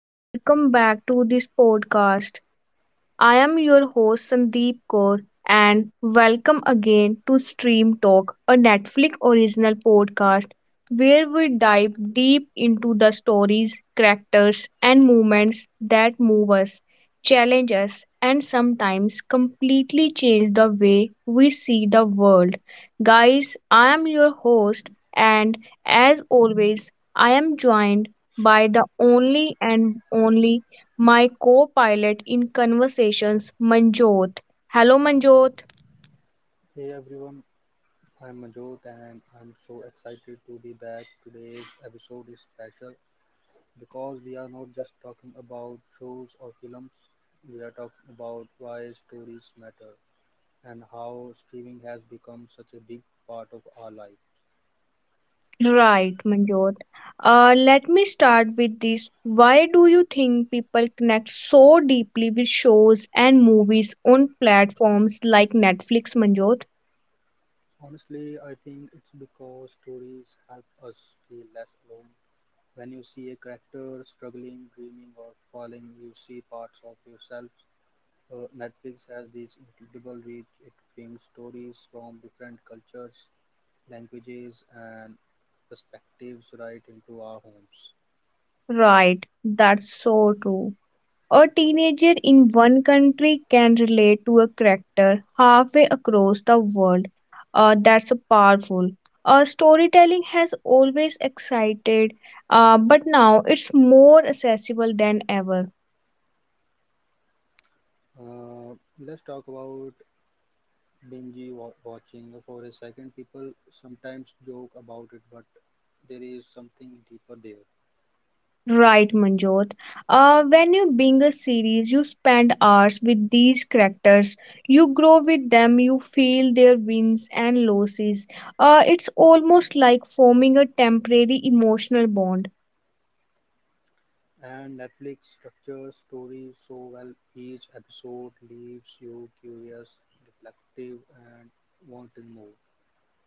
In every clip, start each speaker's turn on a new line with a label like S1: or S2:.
S1: and welcome back to this podcast. I am your host Sandeep Kaur and welcome again to Stream Talk, a Netflix original podcast where we dive deep into the stories, characters, and moments that move us, challenge us, and sometimes completely change the way we see the world. Guys, I am your host, and as always, I am joined by the only and only my co-pilot in conversations, Manjot. Hello, Manjot.
S2: Hey everyone, I'm Manjot and I'm so excited to be back. Today's episode is special because we are not just talking about shows or films, we are talking about why stories matter and how streaming has become such a big part of our life.
S1: Right, Manjot. Let me start with this. Why do you think people connect so deeply with shows and movies on platforms like Netflix, Manjot?
S2: Honestly, I think it's because stories help us feel less alone. When you see a character struggling, dreaming, or falling, you see parts of yourself. Netflix has this incredible reach. It brings stories from different cultures, languages, and perspectives right into our homes.
S1: Right, that's so true. A teenager in one country can relate to a character halfway across the world. That's powerful. Storytelling has always excited, but now it's more accessible than ever.
S2: Uh, let's talk about watching for a second. People sometimes joke about it, but there is something deeper there.
S1: Right, Manjot. When you binge a series, you spend hours with these characters. You grow with them. You feel their wins and losses. It's almost like forming a temporary emotional bond.
S2: And Netflix structures stories so well, each episode leaves you curious, reflective, and wanting more.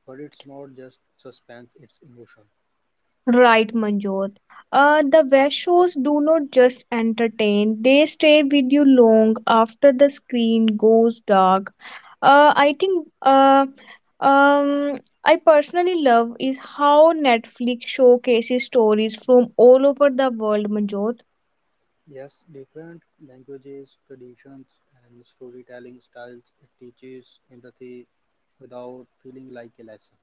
S2: But it's not just suspense, it's emotion.
S1: Right, Manjot. The West shows do not just entertain, they stay with you long after the screen goes dark. Uh, I think uh, um, I personally love is how Netflix showcases stories from all over the world, Manjot.
S2: Yes, different languages, traditions, and storytelling styles it teaches empathy without feeling like a lesson.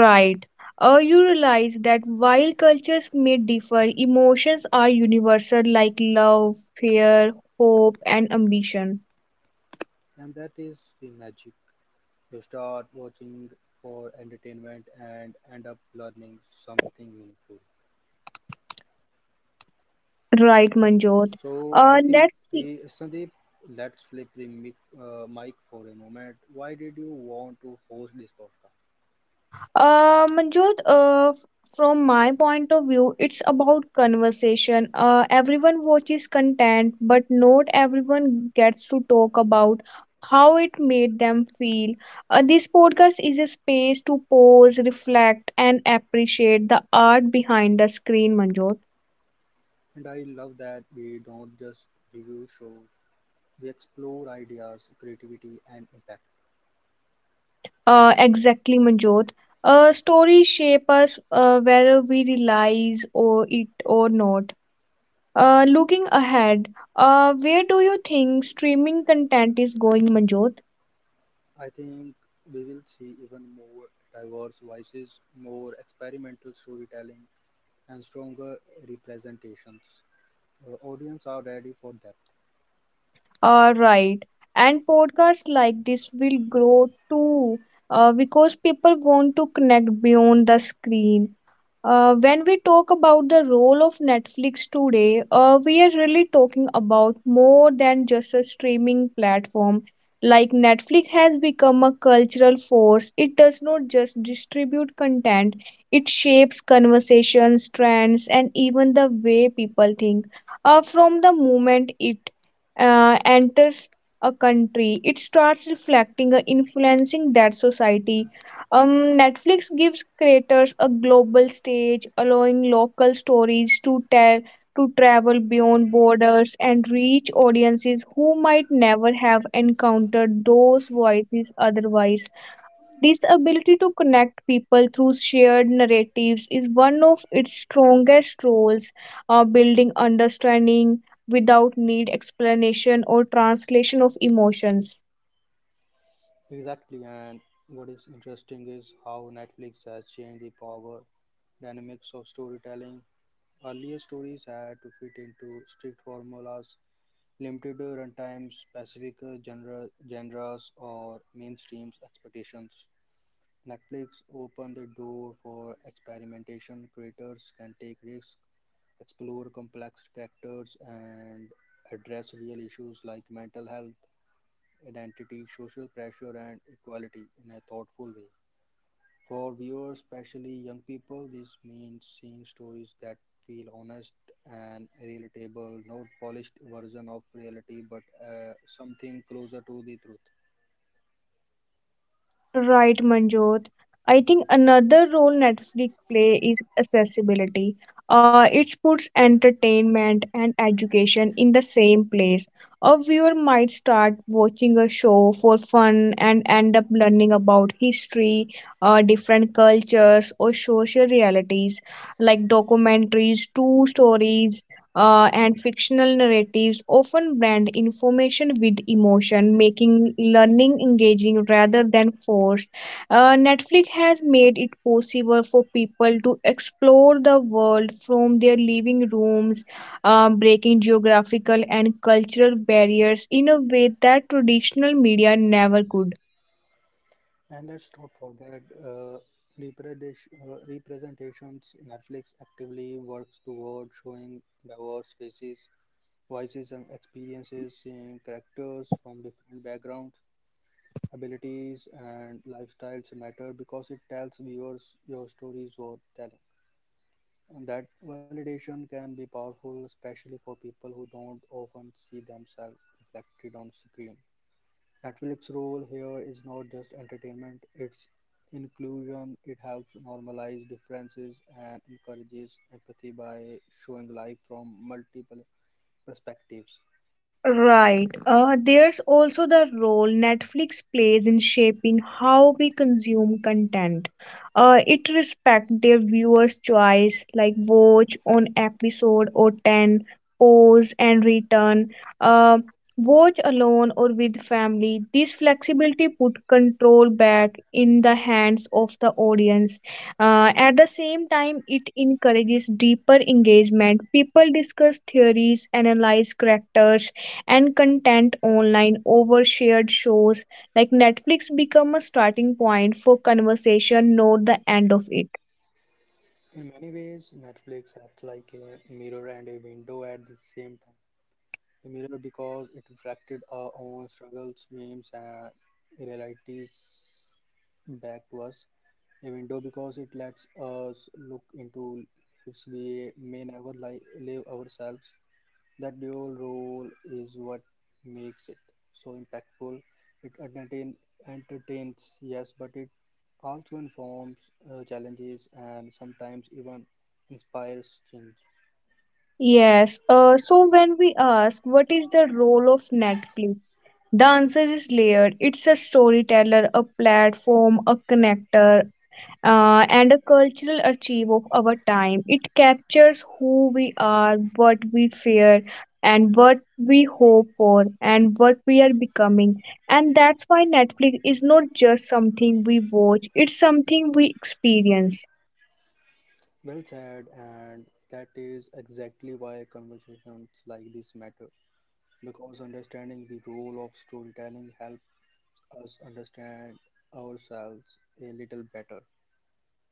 S1: Right. You realize that while cultures may differ, emotions are universal like love, fear, hope, and ambition.
S2: And that is the magic. You start watching for entertainment and end up learning something meaningful.
S1: Right, Manjot.
S2: So I think
S1: Let's see.
S2: we, Sandeep, let's flip the mic for a moment. Why did you want to host this podcast?
S1: Manjot, from my point of view, it's about conversation. Everyone watches content, but not everyone gets to talk about how it made them feel. This podcast is a space to pause, reflect, and appreciate the art behind the screen, Manjot.
S2: And I love that we don't just review shows, we explore ideas, creativity, and impact.
S1: Exactly, Manjot. Stories shape us whether we realize or it or not. Looking ahead, where do you think streaming content is going, Manjot?
S2: I think we will see even more diverse voices, more experimental storytelling, and stronger representations. The audience are ready for depth.
S1: Right. And podcasts like this will grow too, because people want to connect beyond the screen. When we talk about the role of Netflix today, we are really talking about more than just a streaming platform. Like Netflix has become a cultural force, it does not just distribute content, it shapes conversations, trends, and even the way people think. From the moment it enters a country, it starts reflecting and influencing that society. Netflix gives creators a global stage, allowing local stories to tell to travel beyond borders and reach audiences who might never have encountered those voices otherwise. This ability to connect people through shared narratives is one of its strongest roles, building understanding without need explanation or translation of emotions.
S2: Exactly, and what is interesting is how Netflix has changed the power dynamics of storytelling. Earlier stories had to fit into strict formulas, limited runtimes, specific genres, or mainstream expectations. Netflix opened the door for experimentation. Creators can take risks, explore complex characters, and address real issues like mental health, identity, social pressure, and equality in a thoughtful way. For viewers, especially young people, this means seeing stories that feel honest and relatable, not polished version of reality, but something closer to the truth.
S1: Right, Manjot. I think another role Netflix play is accessibility. It puts entertainment and education in the same place. A viewer might start watching a show for fun and end up learning about history, different cultures, or social realities like documentaries, true stories, and fictional narratives often blend information with emotion, making learning engaging rather than forced. Netflix has made it possible for people to explore the world from their living rooms, breaking geographical and cultural barriers in a way that traditional media never could.
S2: And let's not forget representations. Netflix actively works toward showing diverse faces, voices, and experiences, seeing characters from different backgrounds. Abilities and lifestyles matter because it tells viewers your story is worth telling. And that validation can be powerful, especially for people who don't often see themselves reflected on screen. Netflix role here is not just entertainment, it's inclusion. It helps normalize differences and encourages empathy by showing life from multiple perspectives.
S1: Right. There's also the role Netflix plays in shaping how we consume content. It respects their viewers' choice, like watch on episode or 10, pause and return, uh, watch alone or with family. This flexibility put control back in the hands of the audience. At the same time, it encourages deeper engagement. People discuss theories, analyze characters and content online over shared shows like netflix become a starting point for conversation, not the end of it.
S2: In many ways, Netflix acts like a mirror and a window at the same time. The mirror because it reflected our own struggles, dreams, and realities back to us. A window because it lets us look into lives we may never li- live ourselves. That dual role is what makes it so impactful. It entertains, yes, but it also informs, challenges, and sometimes even inspires change.
S1: Yes. So when we ask what is the role of Netflix, the answer is layered. It's a storyteller, a platform, a connector, and a cultural archive of our time. It captures who we are, what we fear, and what we hope for, and what we are becoming. And that's why Netflix is not just something we watch, it's something we experience.
S2: Well said, and that is exactly why conversations like this matter because understanding the role of storytelling helps us understand ourselves a little better.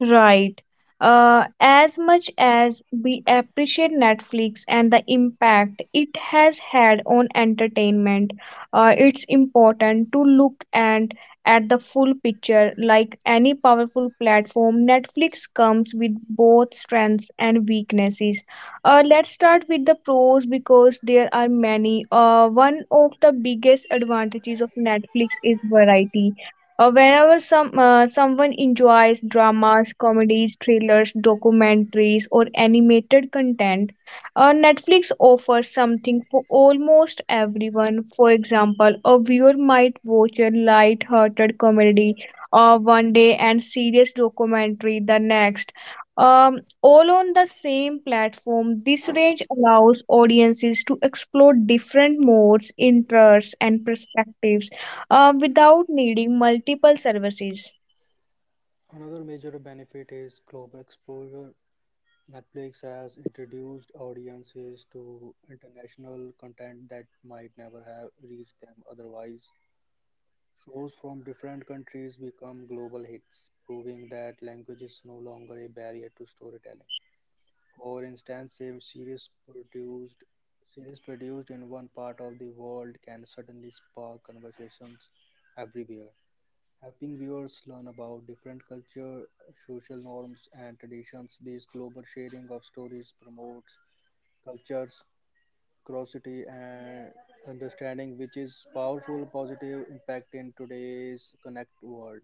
S1: Right. As much as we appreciate Netflix and the impact it has had on entertainment, it's important to look and at the full picture. Like any powerful platform, Netflix comes with both strengths and weaknesses. Let's start with the pros because there are many. One of the biggest advantages of Netflix is variety, whenever someone enjoys dramas, comedies, thrillers, documentaries, or animated content, Netflix offers something for almost everyone. For example, a viewer might watch a light-hearted comedy one day and serious documentary the next. All on the same platform, this range allows audiences to explore different modes, interests, and perspectives without needing multiple services.
S2: Another major benefit is global exposure. Netflix has introduced audiences to international content that might never have reached them otherwise. Shows from different countries become global hits, proving that language is no longer a barrier to storytelling. For instance, a series produced in one part of the world can suddenly spark conversations everywhere, helping viewers learn about different culture, social norms, and traditions. This global sharing of stories promotes cultures, curiosity, and understanding, which is powerful positive impact in today's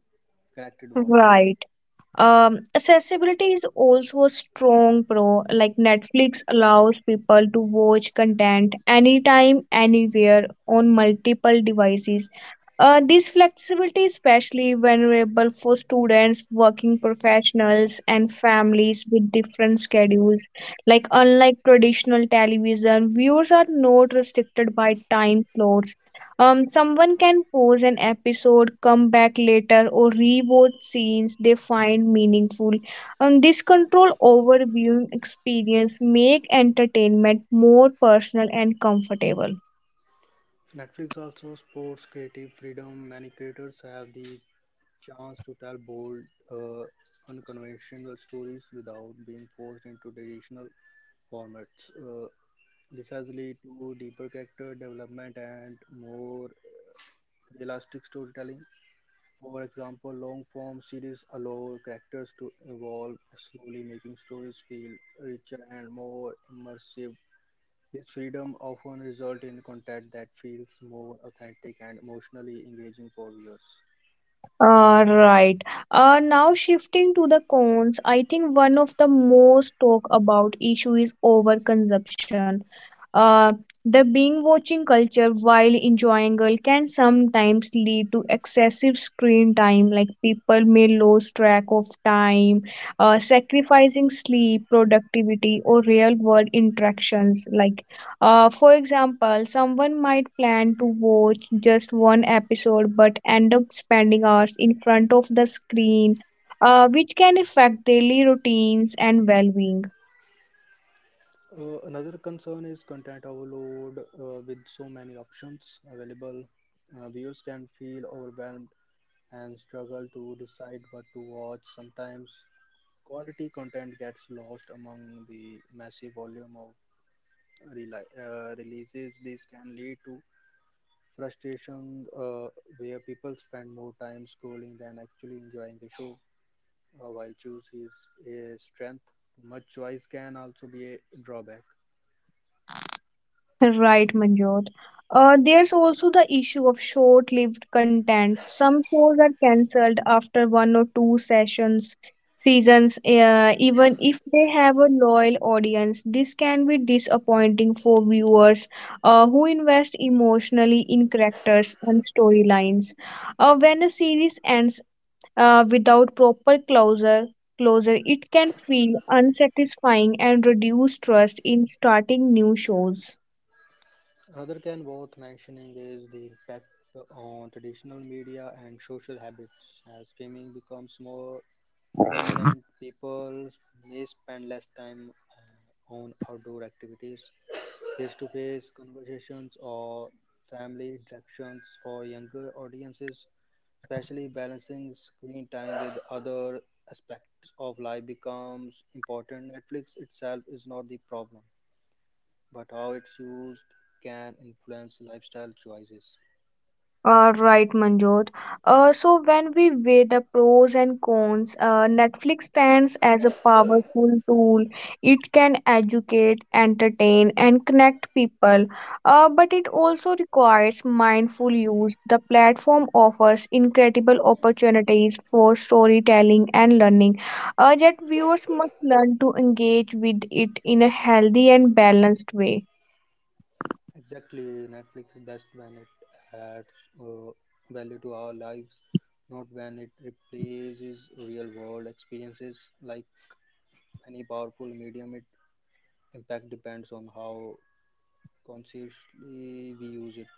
S2: connected world.
S1: Right. Accessibility is also a strong pro. Like Netflix allows people to watch content anytime, anywhere on multiple devices. This flexibility is especially vulnerable for students, working professionals, and families with different schedules. Like unlike traditional television, viewers are not restricted by time slots. Someone can pause an episode, come back later, or rewatch scenes they find meaningful. This control over viewing experience make entertainment more personal and comfortable.
S2: Netflix also supports creative freedom. Many creators have the chance to tell bold, uh, unconventional stories without being forced into traditional formats. This has led to deeper character development and more realistic storytelling. For example, long form series allow characters to evolve slowly, making stories feel richer and more immersive. This freedom often results in content that feels more authentic and emotionally engaging for viewers.
S1: Right. Now shifting to the cons, I think one of the most talk about issue is overconsumption. Uh, the being watching culture while enjoying it can sometimes lead to excessive screen time. Like people may lose track of time, sacrificing sleep, productivity, or real world interactions. Like for example, someone might plan to watch just one episode but end up spending hours in front of the screen, which can affect daily routines and well being.
S2: Another concern is content overload with so many options available. Viewers can feel overwhelmed and struggle to decide what to watch. Sometimes quality content gets lost among the massive volume of releases. This can lead to frustration where people spend more time scrolling than actually enjoying the show. While choose is a strength, too much choice can also be a drawback.
S1: Right, Manjot. There's also the issue of short lived content. Some shows are cancelled after one or two seasons, even if they have a loyal audience. This can be disappointing for viewers who invest emotionally in characters and storylines. When a series ends without proper closure, it can feel unsatisfying and reduce trust in starting new shows.
S2: Another can worth mentioning is the impact on traditional media and social habits. As streaming becomes more dominant, people may spend less time on outdoor activities face to face conversations or family interactions for younger audiences, especially balancing screen time with other aspects of life becomes important. Netflix itself is not the problem, but how it's used can influence lifestyle choices.
S1: Right, Manjot. So when we weigh the pros and cons, Netflix stands as a powerful tool. It can educate, entertain, and connect people. But it also requires mindful use. The platform offers incredible opportunities for storytelling and learning. Yet viewers must learn to engage with it in a healthy and balanced way.
S2: Exactly, Netflix is best when it adds uh, value to our lives, not when it replaces real world experiences. Like any powerful medium, its impact depends on how consciously we use it.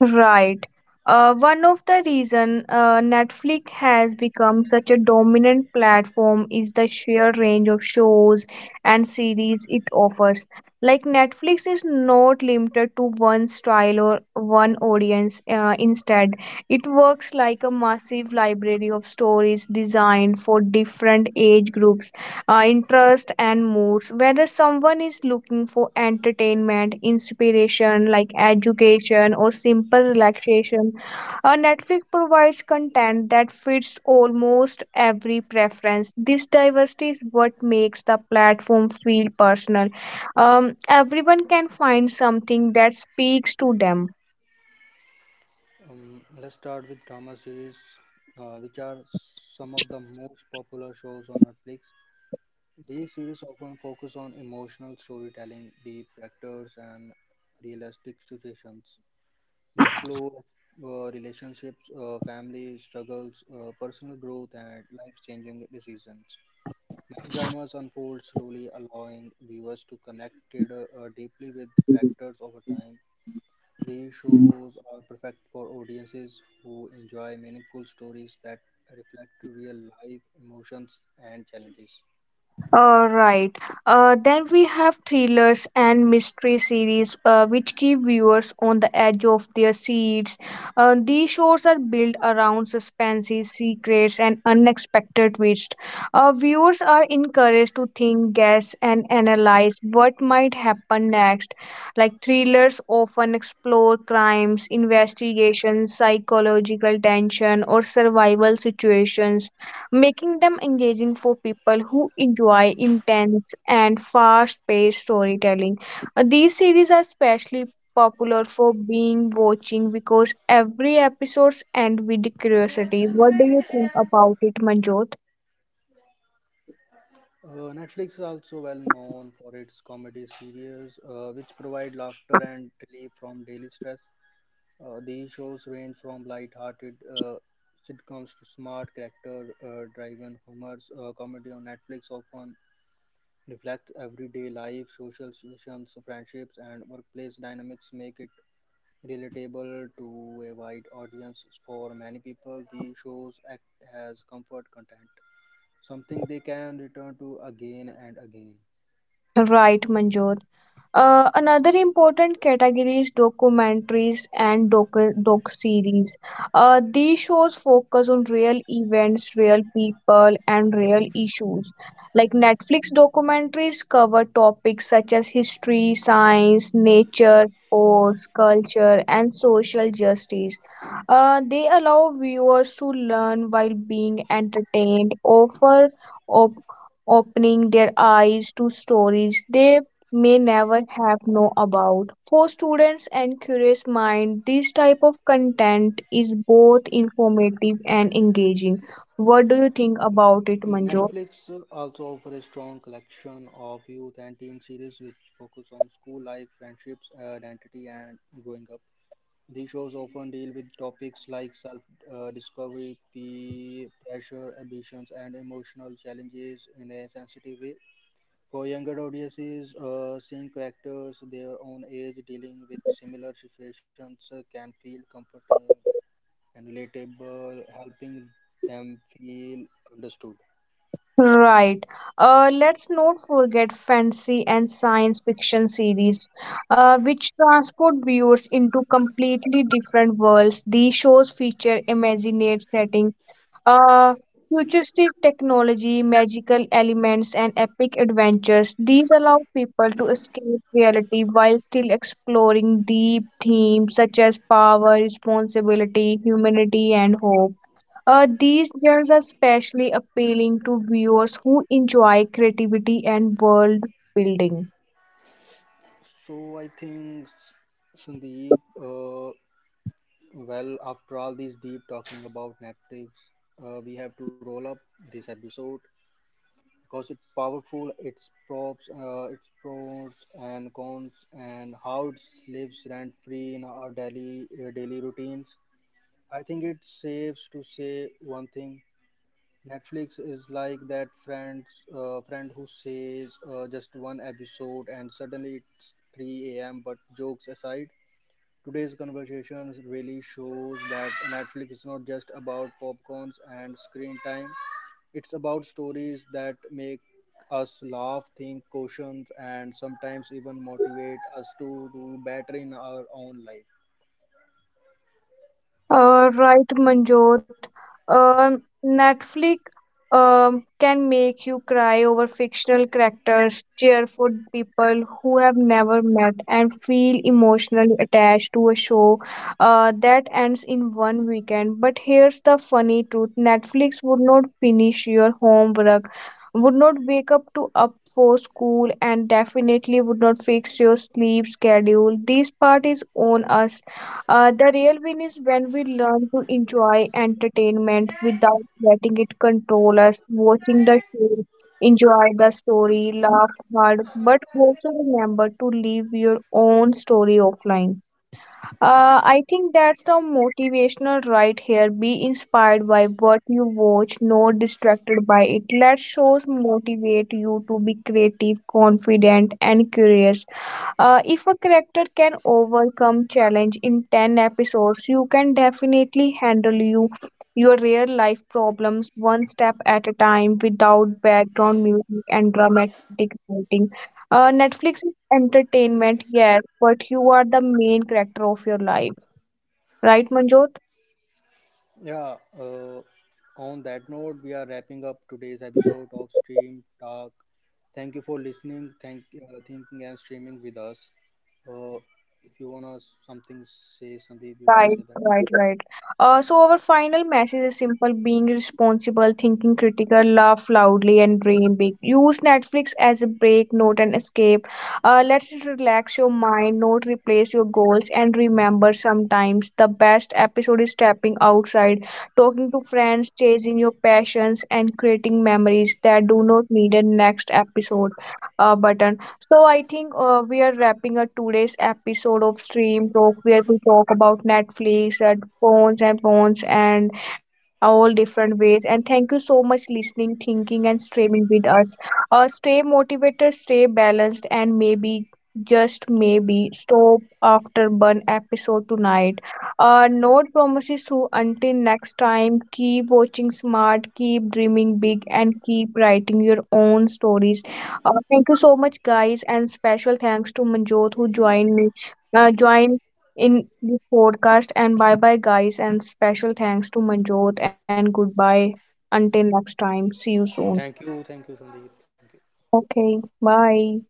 S1: Right. One of the reason Netflix has become such a dominant platform is the sheer range of shows and series it offers. Like Netflix is not limited to one style or one audience. Instead, it works like a massive library of stories designed for different age groups, interest and moods, whether someone is looking for entertainment inspiration like education or simple relaxation. Netflix provides content that fits almost every preference. This diversity is what makes the platform feel personal. um, Everyone can find something that speaks to them.
S2: Let's start with drama series, which are some of the most popular shows on Netflix. These series often focus on emotional storytelling, deep characters, and realistic situations. They explore relationships, family struggles, personal growth, and life-changing decisions. Many dramas unfold slowly, allowing viewers to connect deeply with characters over time. These shows are perfect for audiences who enjoy meaningful stories that reflect real life emotions and challenges.
S1: All right. Then we have thrillers and mystery series, which keep viewers on the edge of their seats. These shows are built around suspenses, secrets, and unexpected twists. Viewers are encouraged to think, guess, and analyze what might happen next. Like thrillers often explore crimes, investigations, psychological tension, or survival situations making them engaging for people who enjoy intense and fast-paced storytelling. These series are especially popular for being watching because every episodes end with curiosity. What do you think about it, Manjot?
S2: Netflix is also well known for its comedy series, which provide laughter and relief from daily stress. These shows range from light-hearted sitcoms to smart character-driven humors. Comedy on Netflix often reflect everyday life, social situations, friendships, and workplace dynamics make it relatable to a wide audience. For many people, the shows act as comfort content, something they can return to again and again.
S1: Right, Manjot. Another important category is documentaries and doc series. These shows focus on real events, real people, and real issues. Like Netflix documentaries cover topics such as history, science, nature, sports, culture, and social justice. They allow viewers to learn while being entertained, op- opening their eyes to stories they may never have know about. For students and curious mind, this type of content is both informative and engaging. What do you think about it, Manju?
S2: Netflix also offers a strong collection of youth and teen series which focus on school life, friendships, identity, and growing up. These shows often deal with topics like self discovery, peer pressure, ambitions, and emotional challenges in a sensitive way. For younger audiences, seeing characters their own age dealing with similar situations can feel comforting and relatable, helping them feel understood.
S1: Right. Let's not forget fantasy and science fiction series, which transport viewers into completely different worlds. These shows feature imagined setting. Uh, Futuristic technology, magical elements, and epic adventures. These allow people to escape reality while still exploring deep themes such as power, responsibility, humanity, and hope. These genres are especially appealing to viewers who enjoy creativity and world building.
S2: So, I think Sandeep, well, after all this deep talking about Netflix, we have to roll up this episode. Because it's powerful, its pros and cons, and how it lives rent free in our daily routines. I think it's safe to say one thing: Netflix is like that friend who says just one episode, and suddenly it's 3 a.m. But jokes aside. Today's conversation really shows that Netflix is not just about popcorns and screen time. It's about stories that make us laugh, think, caution, and sometimes even motivate us to do better in our own life.
S1: Right, Manjot. Netflix can make you cry over fictional characters, cheer for people who have never met, and feel emotionally attached to a show that ends in one weekend. But here's the funny truth: Netflix would not finish your homework. Would not wake up to up for school and definitely would not fix your sleep schedule. This part is on us. The real win is when we learn to enjoy entertainment without letting it control us, watching the show, enjoy the story, laugh hard, but also remember to live your own story offline. I think that's the motivational right here. Be inspired by what you watch, not distracted by it. Let shows motivate you to be creative, confident, and curious. If a character can overcome challenge in 10 episodes, you can definitely handle your real life problems one step at a time without background music and dramatic writing. Netflix is entertainment, yes, but you are the main character of your life. Right, Manjot?
S2: Yeah, on that note, we are wrapping up today's episode of Stream Talk. Thank you for listening, thinking, and streaming with us. Uh, if you wanna something say, Sandeep, you can
S1: Right,
S2: say that.
S1: right, right. So our final message is simple: being responsible, thinking critical, laugh loudly, and dream big. Use Netflix as a break, not an escape. Let's relax your mind, not replace your goals, and remember sometimes the best episode is stepping outside, talking to friends, chasing your passions, and creating memories that do not need a next episode button. So I think we are wrapping up today's episode of Stream Talk, where we talk about Netflix and phones and phones and all different ways. And thank you so much listening, thinking, and streaming with us. Stay motivated, stay balanced, and maybe just maybe stop after one episode tonight. No promises. So until next time, keep watching smart, keep dreaming big, and keep writing your own stories. Thank you so much, guys, and special thanks to Manjot who joined me, joined in this podcast. And bye bye, guys, and special thanks to Manjot and goodbye until next time. See you soon.
S2: Thank you, Sandeep. Thank you.
S1: Okay, bye.